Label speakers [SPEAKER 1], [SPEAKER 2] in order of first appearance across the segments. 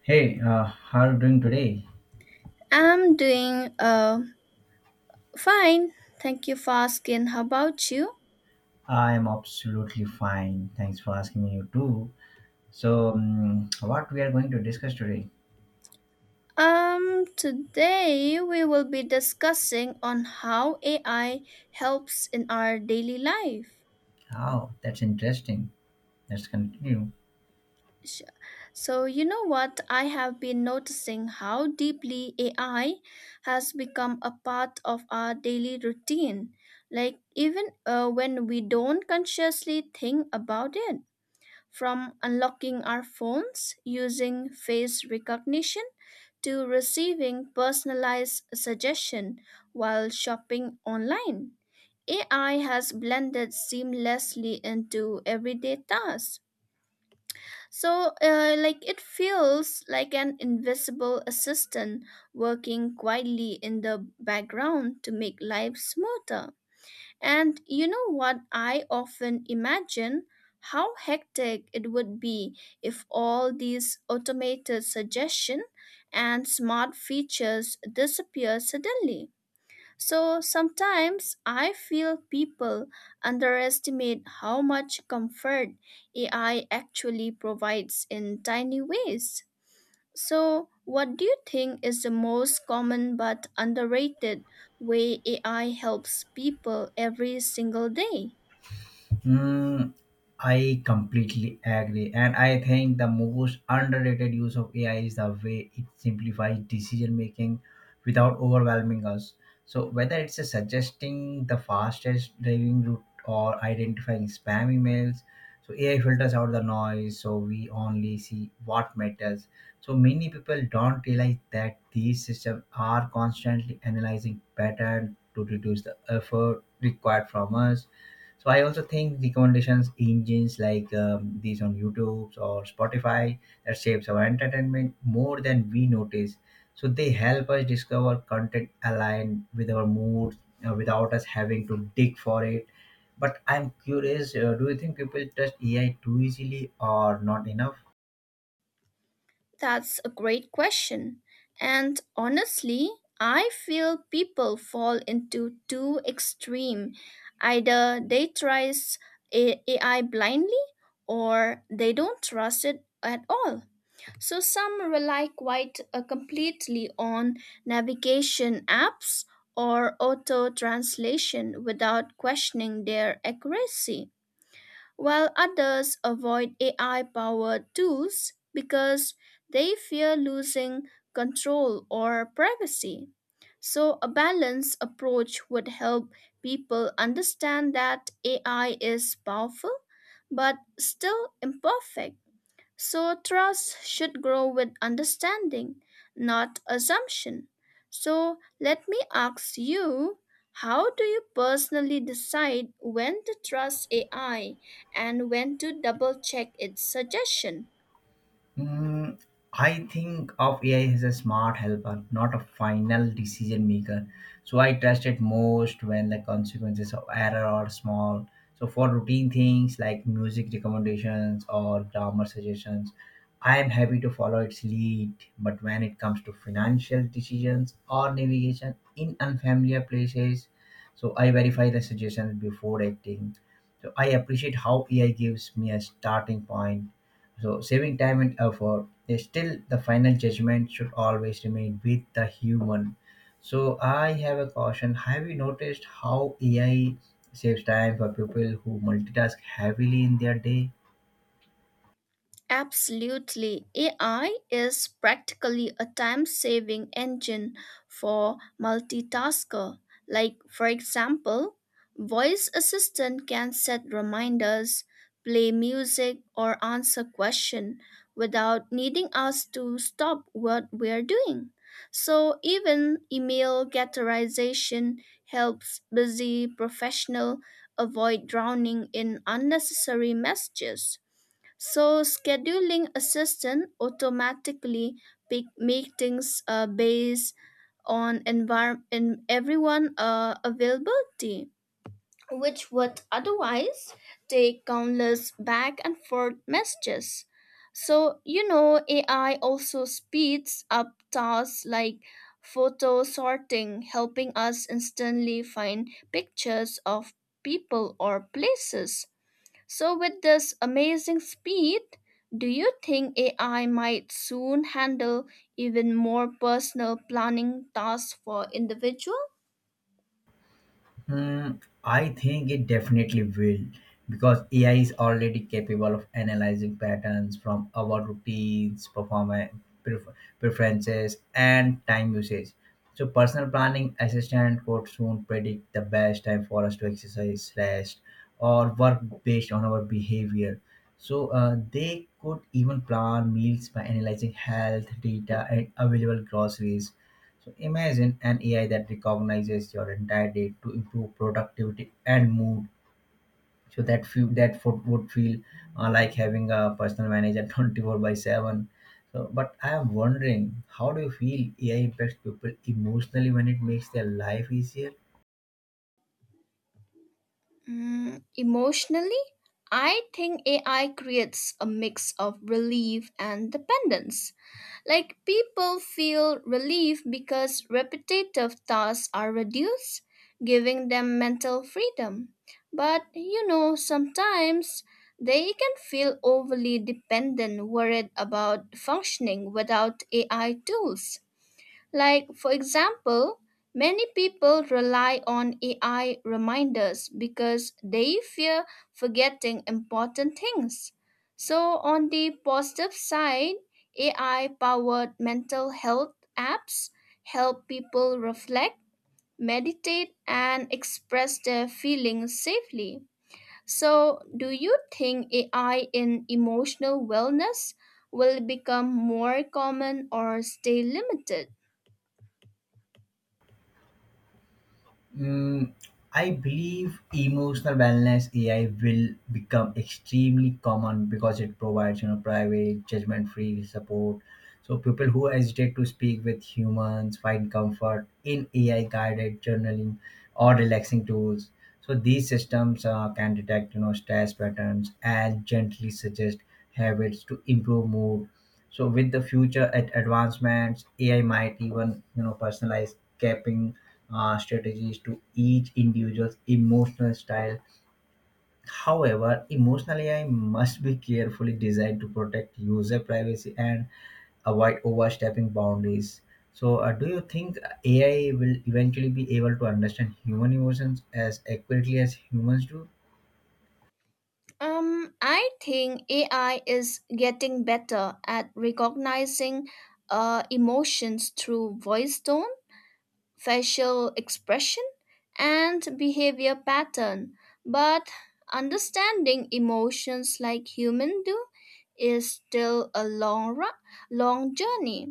[SPEAKER 1] Hey, how are you doing today?
[SPEAKER 2] I'm doing fine. Thank you for asking. How about you?
[SPEAKER 1] I'm absolutely fine. Thanks for asking me, you too. So, what we are going to discuss today?
[SPEAKER 2] Today we will be discussing on how AI helps in our daily life.
[SPEAKER 1] Oh, that's interesting. Let's continue.
[SPEAKER 2] Sh- So you know what? I have been noticing how deeply AI has become a part of our daily routine. Like, even when we don't consciously think about it, from unlocking our phones using face recognition to receiving personalized suggestion while shopping online. AI has blended seamlessly into everyday tasks. It feels like an invisible assistant working quietly in the background to make life smoother. And you know what? I often imagine how hectic it would be if all these automated suggestion and smart features disappear suddenly. So sometimes I feel people underestimate how much comfort AI actually provides in tiny ways. So, what do you think is the most common but underrated way AI helps people every single day?
[SPEAKER 1] Mm, I completely agree. And I think the most underrated use of AI is the way it simplifies decision making without overwhelming us. So, whether it's a suggesting the fastest driving route or identifying spam emails, so AI filters out the noise so we only see what matters. So, many people don't realize that these systems are constantly analyzing patterns to reduce the effort required from us. So I also think recommendations engines like these on YouTube or Spotify that shapes our entertainment more than we notice. So they help us discover content aligned with our moods without us having to dig for it. But I'm curious, do you think people trust AI too easily or not enough?
[SPEAKER 2] That's a great question. And honestly, I feel people fall into two extreme. Either they try AI blindly, or they don't trust it at all. So some rely quite completely on navigation apps or auto translation without questioning their accuracy, while others avoid AI powered tools because they fear losing control or privacy. So, a balanced approach would help people understand that AI is powerful but still imperfect, so trust should grow with understanding, not assumption. So let me ask you, how do you personally decide when to trust AI and when to double check its suggestion?
[SPEAKER 1] Mm, I think of AI as a smart helper, not a final decision maker. So I trust it most when the consequences of error are small. So for routine things like music recommendations or grammar suggestions, I am happy to follow its lead. But when it comes to financial decisions or navigation in unfamiliar places, so I verify the suggestions before acting. So I appreciate how AI gives me a starting point so saving time and effort is still the final judgment should always remain with the human. So I have a caution. Have you noticed how AI saves time for people who multitask heavily in their day?
[SPEAKER 2] Absolutely. AI is practically a time saving engine for multitasker. Like, for example, voice assistant can set reminders, play music, or answer question without needing us to stop what we're doing. So even email categorization helps busy professional avoid drowning in unnecessary messages. So scheduling assistant automatically pick meetings based on envir- in everyone availability, which would otherwise take countless back and forth messages. So you know, AI also speeds up tasks like photo sorting, helping us instantly find pictures of people or places. So, with this amazing speed, do you think AI might soon handle even more personal planning tasks for individuals?
[SPEAKER 1] Hmm, I think it definitely will because AI is already capable of analyzing patterns from our routines, performance, preferences, and time usage. So, personal planning assistant could soon predict the best time for us to exercise, rest, or work based on our behavior. So, they could even plan meals by analyzing health data and available groceries so imagine an AI that recognizes your entire day to improve productivity and mood. So that feel, that fo- would feel like having a personal manager 24 by 7. So, but I am wondering, how do you feel AI impacts people emotionally when it makes their life easier?
[SPEAKER 2] Mm, emotionally, I think AI creates a mix of relief and dependence. Like, people feel relief because repetitive tasks are reduced, giving them mental freedom. But you know, sometimes they can feel overly dependent, worried about functioning without AI tools. Like, for example, many people rely on AI reminders because they fear forgetting important things. So, on the positive side, AI powered mental health apps help people reflect, meditate, and express their feelings safely. So, do you think AI in emotional wellness will become more common or stay limited?
[SPEAKER 1] Mm, I believe emotional wellness AI will become extremely common because it provides private, judgment-free support. So people who hesitate to speak with humans find comfort in AI-guided journaling or relaxing tools. So these systems can detect stress patterns and gently suggest habits to improve mood so with the future advancements, AI might even personalize capping strategies to each individual's emotional style. However, emotional AI must be carefully designed to protect user privacy and avoid overstepping boundaries. So, do you think AI will eventually be able to understand human emotions as accurately as humans do?
[SPEAKER 2] I think AI is getting better at recognizing emotions through voice tone, facial expression, and behavior pattern. But understanding emotions like humans do is still a long journey.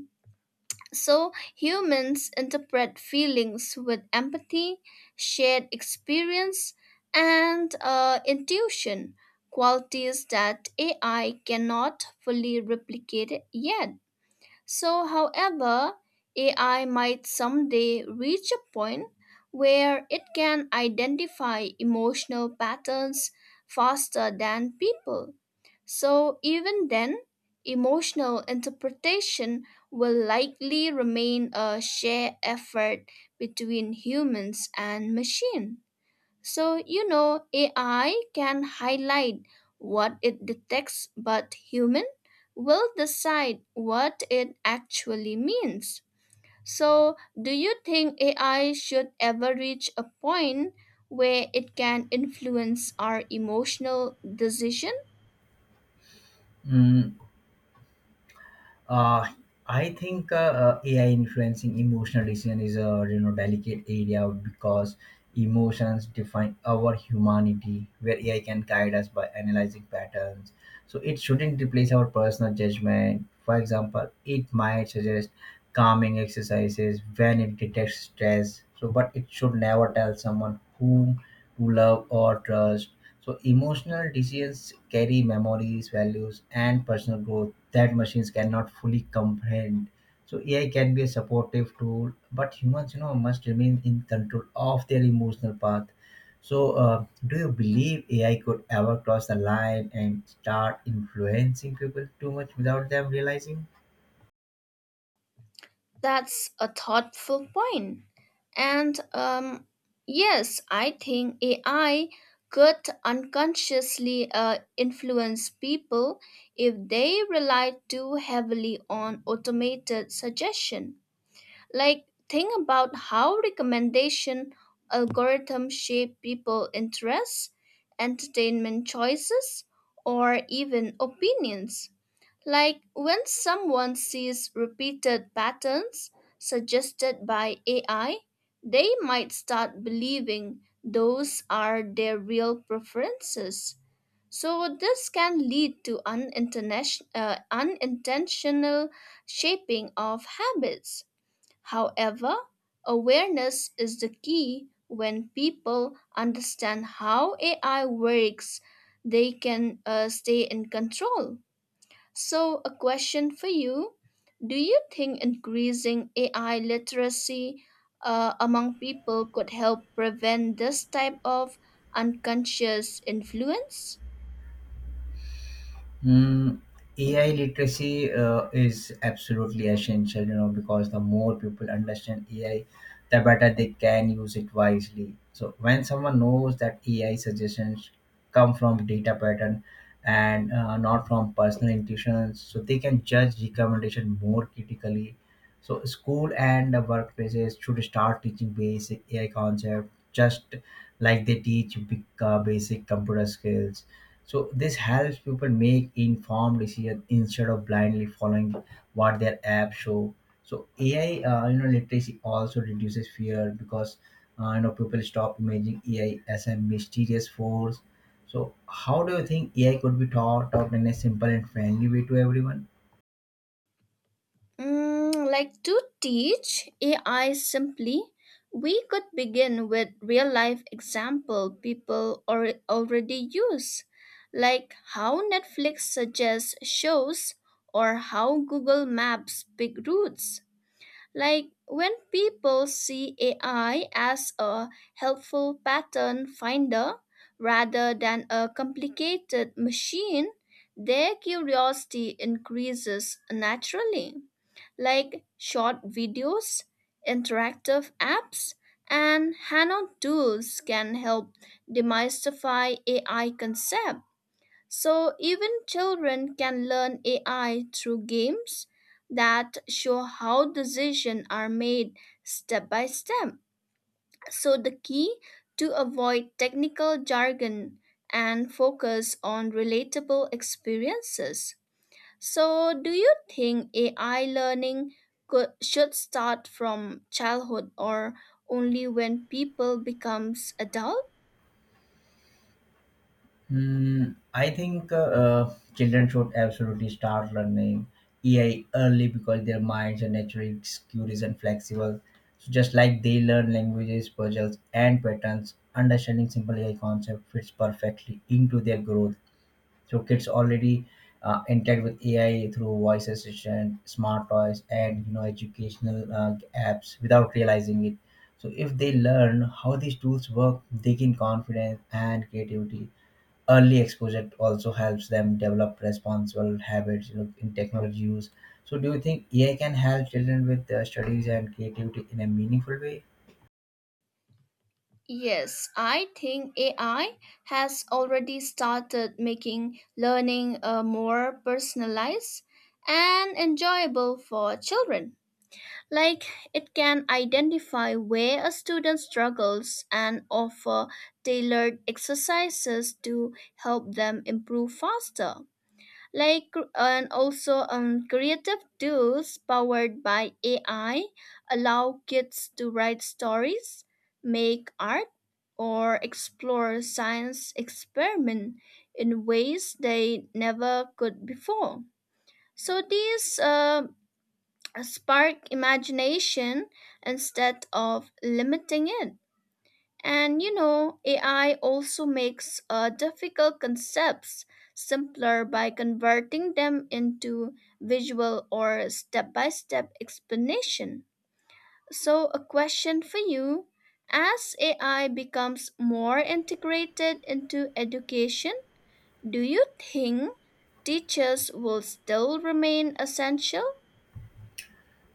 [SPEAKER 2] So, humans interpret feelings with empathy, shared experience, and intuition, qualities that AI cannot fully replicate yet. So, however, AI might someday reach a point where it can identify emotional patterns faster than people. So, even then, emotional interpretation will likely remain a shared effort between humans and machines. So, you know, AI can highlight what it detects, but human will decide what it actually means. So, do you think AI should ever reach a point where it can influence our emotional decision?
[SPEAKER 1] Mm. Uh, I think AI influencing emotional decision is a delicate area because emotions define our humanity, where AI can guide us by analyzing patterns. So it shouldn't replace our personal judgment. For example, it might suggest calming exercises when it detects stress. So, but it should never tell someone whom to love or trust. So emotional decisions carry memories, values, and personal growth that machines cannot fully comprehend. So AI can be a supportive tool, but humans, must remain in control of their emotional path. So, do you believe AI could ever cross the line and start influencing people too much without them realizing?
[SPEAKER 2] That's a thoughtful point. And yes, I think AI could unconsciously influence people if they rely too heavily on automated suggestion. Like, think about how recommendation algorithms shape people' interests, entertainment choices, or even opinions. Like, when someone sees repeated patterns suggested by AI, they might start believing those are their real preferences. So, this can lead to unintentional shaping of habits. However, awareness is the key. When people understand how AI works, they can stay in control. So, a question for you. Do you think increasing AI literacy among people could help prevent this type of unconscious influence?
[SPEAKER 1] Mm, AI literacy is absolutely essential, because the more people understand AI, the better they can use it wisely. So when someone knows that AI suggestions come from data pattern and not from personal intuitions, so they can judge recommendation more critically. So school and the workplaces should start teaching basic AI concepts, just like they teach basic computer skills so this helps people make informed decisions instead of blindly following what their apps show. So AI literacy also reduces fear because people stop imagining AI as a mysterious force. So how do you think AI could be taught out in a simple and friendly way to everyone?
[SPEAKER 2] Mm, like, to teach AI simply, we could begin with real life example people or already use, like how Netflix suggests shows or how Google Maps pick routes. Like, when people see AI as a helpful pattern finder rather than a complicated machine, their curiosity increases naturally. Like short videos, interactive apps, and hands on tools can help demystify AI concepts, so even children can learn AI through games that show how decisions are made step by step. So the key to avoid technical jargon and focus on relatable experiences. So, do you think AI learning should start from childhood or only when people becomes adult?
[SPEAKER 1] Hmm, I think children should absolutely start learning AI early because their minds are naturally curious and flexible. So just like they learn languages, puzzles, and patterns, understanding simple AI concept fits perfectly into their growth. So kids already interact with AI through voice assistant, smart toys, and educational apps without realizing it. So if they learn how these tools work, they gain confidence and creativity. Early exposure also helps them develop responsible habits in technology use. So, do you think AI can help children with their studies and creativity in a meaningful way?
[SPEAKER 2] Yes, I think AI has already started making learning more personalized and enjoyable for children. Like, it can identify where a student struggles and offer tailored exercises to help them improve faster. Like, and also, creative tools powered by AI allow kids to write stories, make art, or explore science experiment in ways they never could before. So these spark imagination instead of limiting it. And you know, AI also makes difficult concepts simpler by converting them into visual or step by step explanation. So, a question for you. As AI becomes more integrated into education, do you think teachers will still remain essential?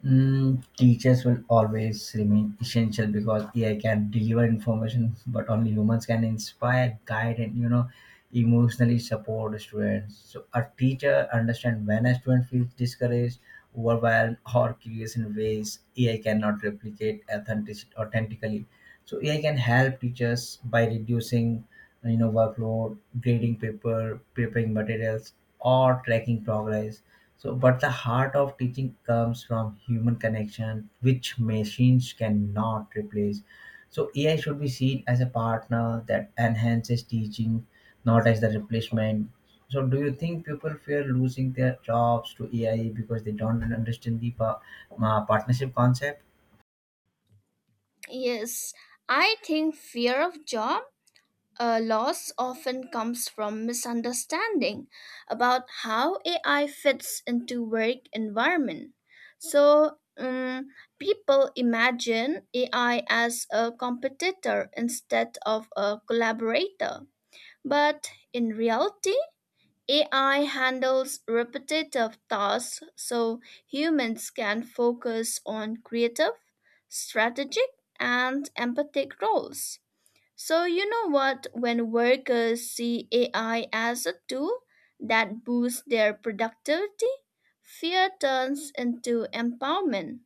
[SPEAKER 1] Mm, teachers will always remain essential because AI can deliver information, but only humans can inspire, guide, and emotionally support students. So a teacher understand when a student feels discouraged, overwhelmed, or curious in ways AI cannot replicate authentically. So AI can help teachers by reducing, workload, grading paper, preparing materials, or tracking progress so, but the heart of teaching comes from human connection, which machines cannot replace. So, AI should be seen as a partner that enhances teaching, not as the replacement. So, do you think people fear losing their jobs to AI because they don't understand the partnership concept?
[SPEAKER 2] Yes, I think fear of job loss often comes from misunderstanding about how AI fits into work environment. So people imagine AI as a competitor instead of a collaborator. But in reality, AI handles repetitive tasks so humans can focus on creative, strategic, and empathic roles. So, you know what? When workers see AI as a tool that boosts their productivity, fear turns into empowerment.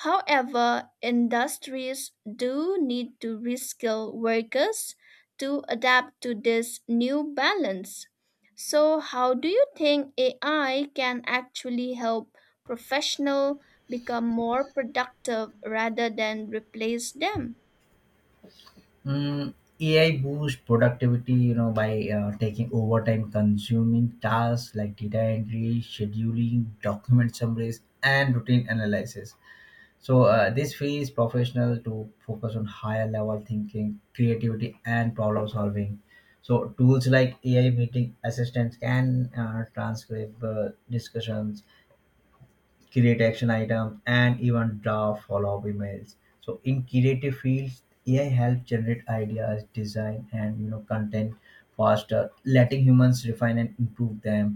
[SPEAKER 2] However, industries do need to reskill workers to adapt to this new balance. So, how do you think AI can actually help professionals become more productive rather than replace them?
[SPEAKER 1] Mm, AI boosts productivity, by taking overtime consuming tasks like data entry, scheduling, document summaries, and routine analysis. So this frees professional to focus on higher level thinking, creativity, and problem solving. So tools like AI meeting assistants can transcribe discussions, create action items, and even draft follow-up emails. So in creative fields, AI helps generate ideas, design, and content faster, letting humans refine and improve them.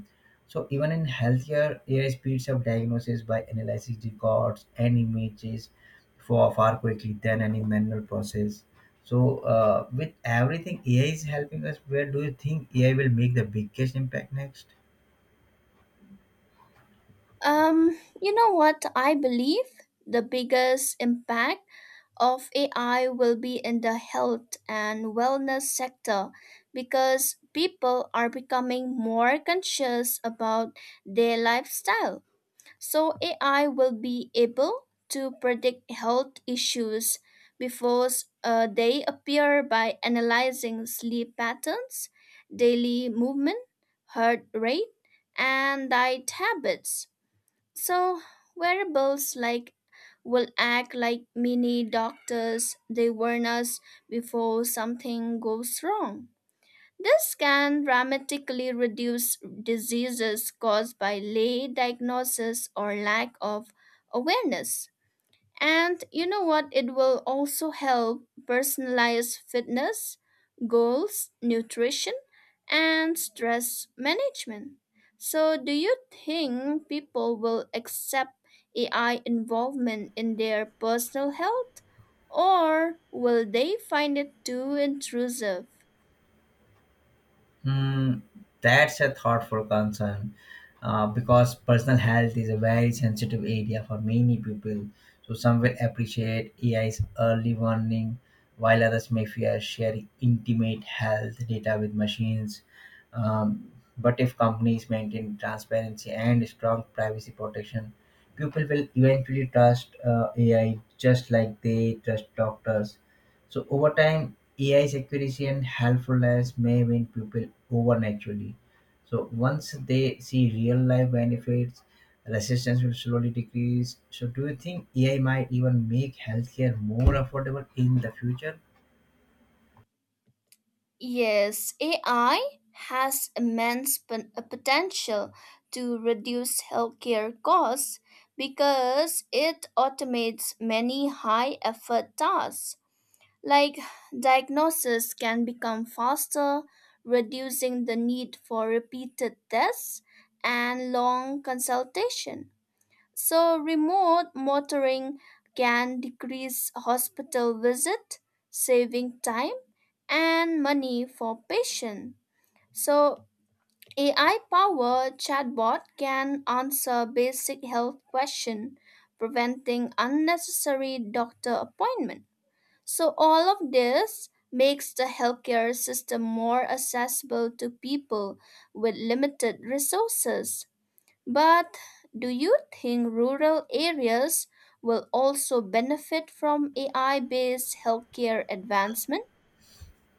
[SPEAKER 1] So even in healthcare, AI speeds up diagnosis by analyzing records and images for far quickly than any manual process. So, with everything AI is helping us, where do you think AI will make the biggest impact next?
[SPEAKER 2] Um, you know what I believe? The biggest impact of AI will be in the health and wellness sector because people are becoming more conscious about their lifestyle. So AI will be able to predict health issues before they appear by analyzing sleep patterns, daily movement, heart rate, and diet habits. So, wearables like will act like mini doctors. They warn us before something goes wrong. This can dramatically reduce diseases caused by late diagnosis or lack of awareness. And you know what? It will also help personalize fitness, goals, nutrition, and stress management. So, do you think people will accept AI involvement in their personal health, or will they find it too intrusive?
[SPEAKER 1] Hmm, that's a thoughtful concern because personal health is a very sensitive area for many people. So, some will appreciate AI's early warning, while others may fear sharing intimate health data with machines. Um, but if companies maintain transparency and strong privacy protection, people will eventually trust AI just like they trust doctors. So over time, AI's accuracy and helpfulness may win people over naturally. So once they see real life benefits, resistance will slowly decrease. So do you think AI might even make healthcare more affordable in the future?
[SPEAKER 2] Yes, AI has immense potential to reduce healthcare costs because it automates many high effort tasks. Like, diagnosis can become faster, reducing the need for repeated tests and long consultation. So, remote monitoring can decrease hospital visit, saving time and money for patients. So, AI powered chatbot can answer basic health questions, preventing unnecessary doctor appointment. So, all of this makes the healthcare system more accessible to people with limited resources. But do you think rural areas will also benefit from AI based healthcare advancement?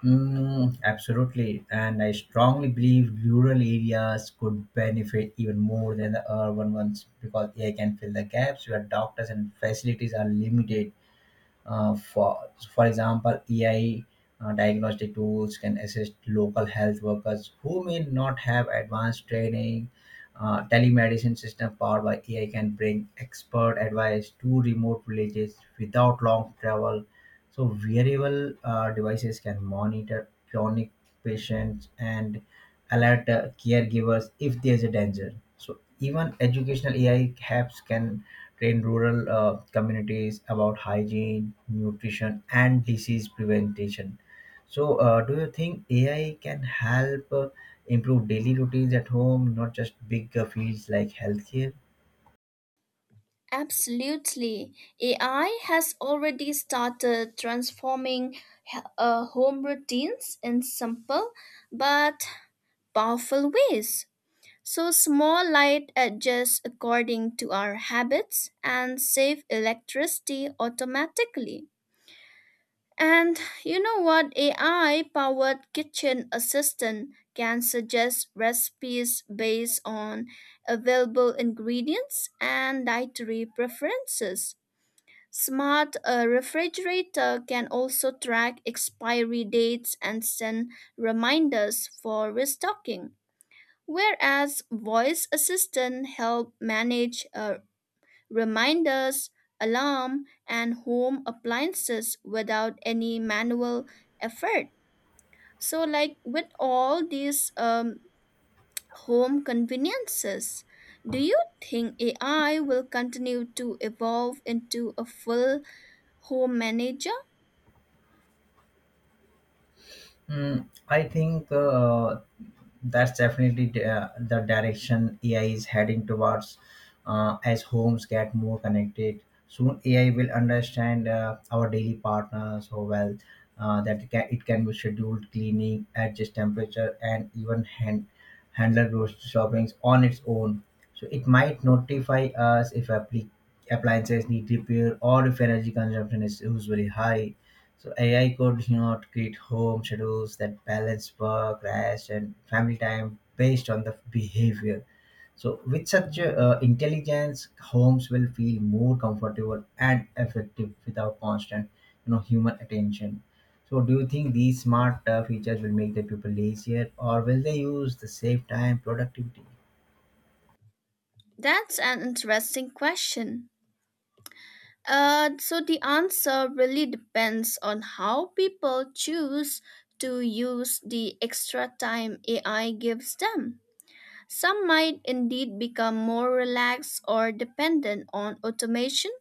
[SPEAKER 1] Mm, absolutely, and I strongly believe rural areas could benefit even more than the urban ones because AI can fill the gaps where doctors and facilities are limited. Uh, for, for example, AI diagnostic tools can assist local health workers who may not have advanced training. Telemedicine system powered by AI can bring expert advice to remote villages without long travel. So wearable devices can monitor chronic patients and alert caregivers if there's a danger. So even educational AI apps can train rural communities about hygiene, nutrition, and disease prevention. So, do you think AI can help improve daily routines at home, not just big fields like healthcare?
[SPEAKER 2] Absolutely. AI has already started transforming home routines in simple but powerful ways. So, small light adjusts according to our habits and save electricity automatically. And you know what? AI powered kitchen assistant can suggest recipes based on available ingredients and dietary preferences. Smart refrigerator can also track expiry dates and send reminders for restocking, whereas voice assistant help manage reminders, alarm, and home appliances without any manual effort. So, like, with all these home conveniences, do you think AI will continue to evolve into a full home manager?
[SPEAKER 1] Mm, I think that's definitely the direction AI is heading towards. As homes get more connected, soon AI will understand our daily partner so well that it can be scheduled cleaning, adjust temperature, and even handle grocery shoppings on its own. So it might notify us if appliances need repair or if energy consumption is usually high. So AI could, create home schedules that balance work, rest, and family time based on the behavior. So with such intelligence, homes will feel more comfortable and effective without constant, human attention. So do you think these smart features will make the people lazier, or will they use the save time productivity?
[SPEAKER 2] That's an interesting question. So the answer really depends on how people choose to use the extra time AI gives them. Some might indeed become more relaxed or dependent on automation,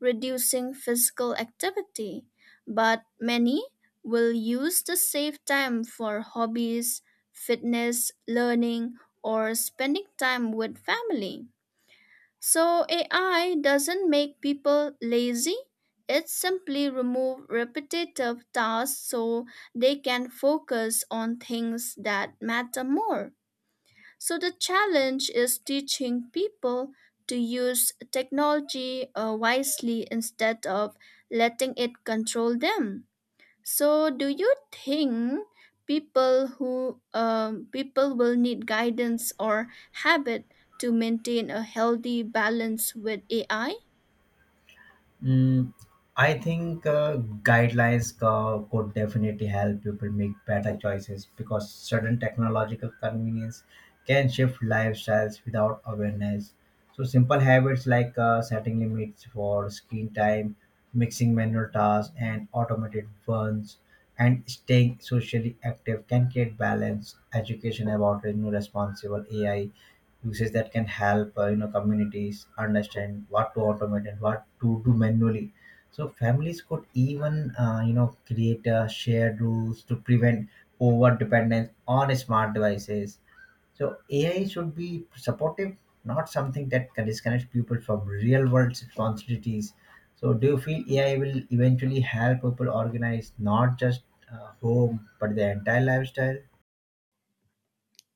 [SPEAKER 2] reducing physical activity, but many will use the saved time for hobbies, fitness, learning, or spending time with family. So AI doesn't make people lazy. It simply removes repetitive tasks so they can focus on things that matter more. So the challenge is teaching people to use technology wisely instead of letting it control them. So, do you think people will need guidance or habit to maintain a healthy balance with AI?
[SPEAKER 1] Mm, I think guidelines could definitely help people make better choices because certain technological convenience can shift lifestyles without awareness. So, simple habits like setting limits for screen time, mixing manual tasks and automated ones, and staying socially active can create balance. Education about responsible AI uses that can help communities understand what to automate and what to do manually so families could even create shared rules to prevent over dependence on smart devices. So AI should be supportive, not something that can disconnect people from real world responsibilities. So do you feel AI will eventually help people organize not just home but their entire lifestyle?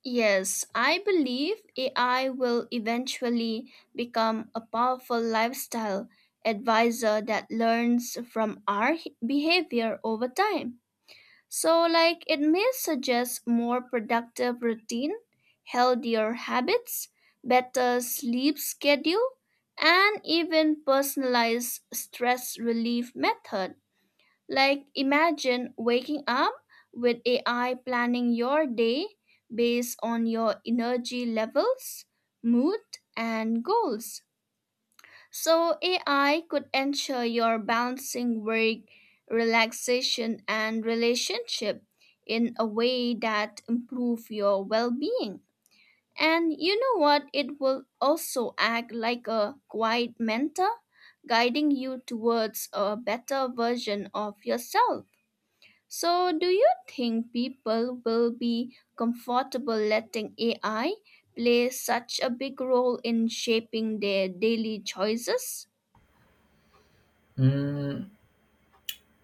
[SPEAKER 2] Yes, I believe AI will eventually become a powerful lifestyle advisor that learns from our behavior over time. So, like, it may suggest more productive routine, healthier habits, better sleep schedule, and even personalized stress relief method. Like, imagine waking up with AI planning your day based on your energy levels, mood, and goals. So AI could ensure your balancing work, relaxation, and relationship in a way that improve your well-being. And you know what? It will also act like a quiet mentor, guiding you towards a better version of yourself. So, do you think people will be comfortable letting AI play such a big role in shaping their daily choices?
[SPEAKER 1] Mm,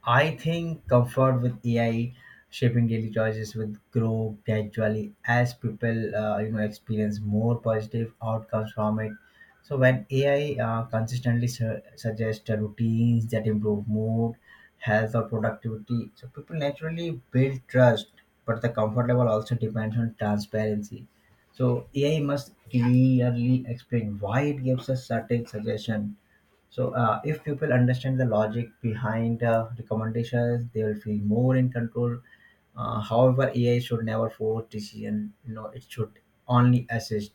[SPEAKER 1] I think comfort with AI shaping daily choices will grow gradually as people experience more positive outcomes from it. So when AI consistently suggests routines that improve mood, health, or productivity, so people naturally build trust. But the comfort level also depends on transparency. So AI must clearly explain why it gives a certain suggestion so, if people understand the logic behind recommendations, they will feel more in control. However, AI should never force decision. It should only assist.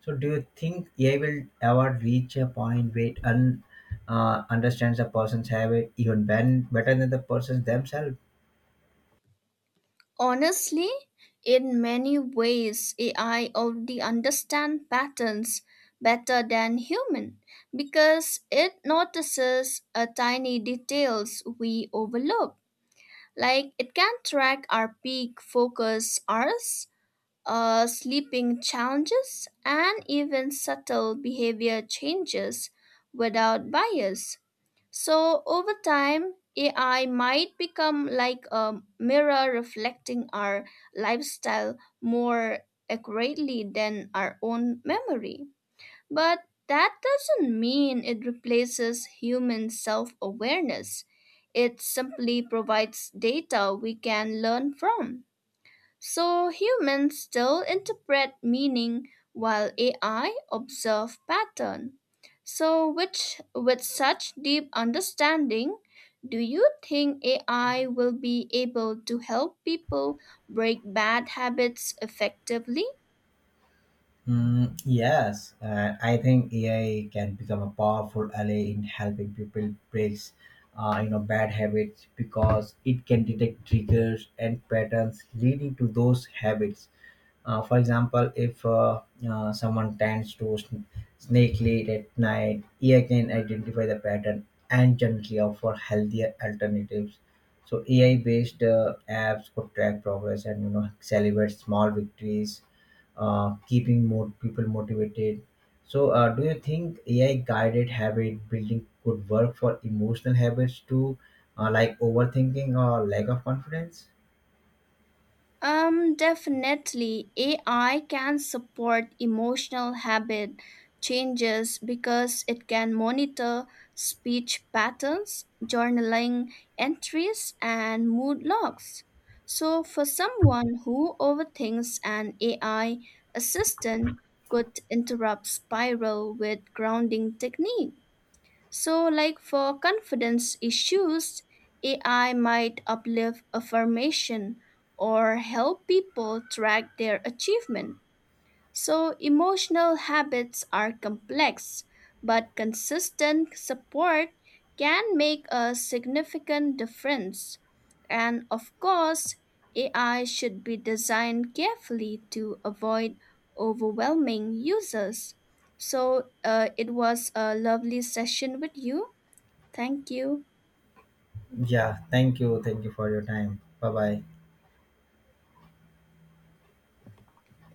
[SPEAKER 1] So, do you think AI will ever reach a point where it understands a person's habit even better than the persons themselves?
[SPEAKER 2] Honestly, in many ways, AI already understands patterns better than human because it notices a tiny details we overlook. Like, it can track our peak focus hours, sleeping challenges, and even subtle behavior changes without bias. So, over time, AI might become like a mirror reflecting our lifestyle more accurately than our own memory. But that doesn't mean it replaces human self awareness. It simply provides data we can learn from. So humans still interpret meaning while AI observe pattern. So, which with such deep understanding, do you think AI will be able to help people break bad habits effectively?
[SPEAKER 1] Mm, yes, I think AI can become a powerful ally in helping people break, bad habits because it can detect triggers and patterns leading to those habits. For example, if someone tends to snake late at night, AI can identify the pattern and gently offer healthier alternatives. So AI-based apps could track progress and celebrate small victories keeping more people motivated. So, do you think AI guided habit building could work for emotional habits too, like overthinking or lack of confidence?
[SPEAKER 2] Definitely, AI can support emotional habit changes because it can monitor speech patterns, journaling entries, and mood logs. So, for someone who overthinks, an AI assistant could interrupt spiral with grounding technique. So, like, for confidence issues, AI might uplift affirmation or help people track their achievement. So, emotional habits are complex, but consistent support can make a significant difference. And of course, AI should be designed carefully to avoid overwhelming users. So, it was a lovely session with you. Thank you.
[SPEAKER 1] Yeah, thank you. Thank you for your time. Bye bye.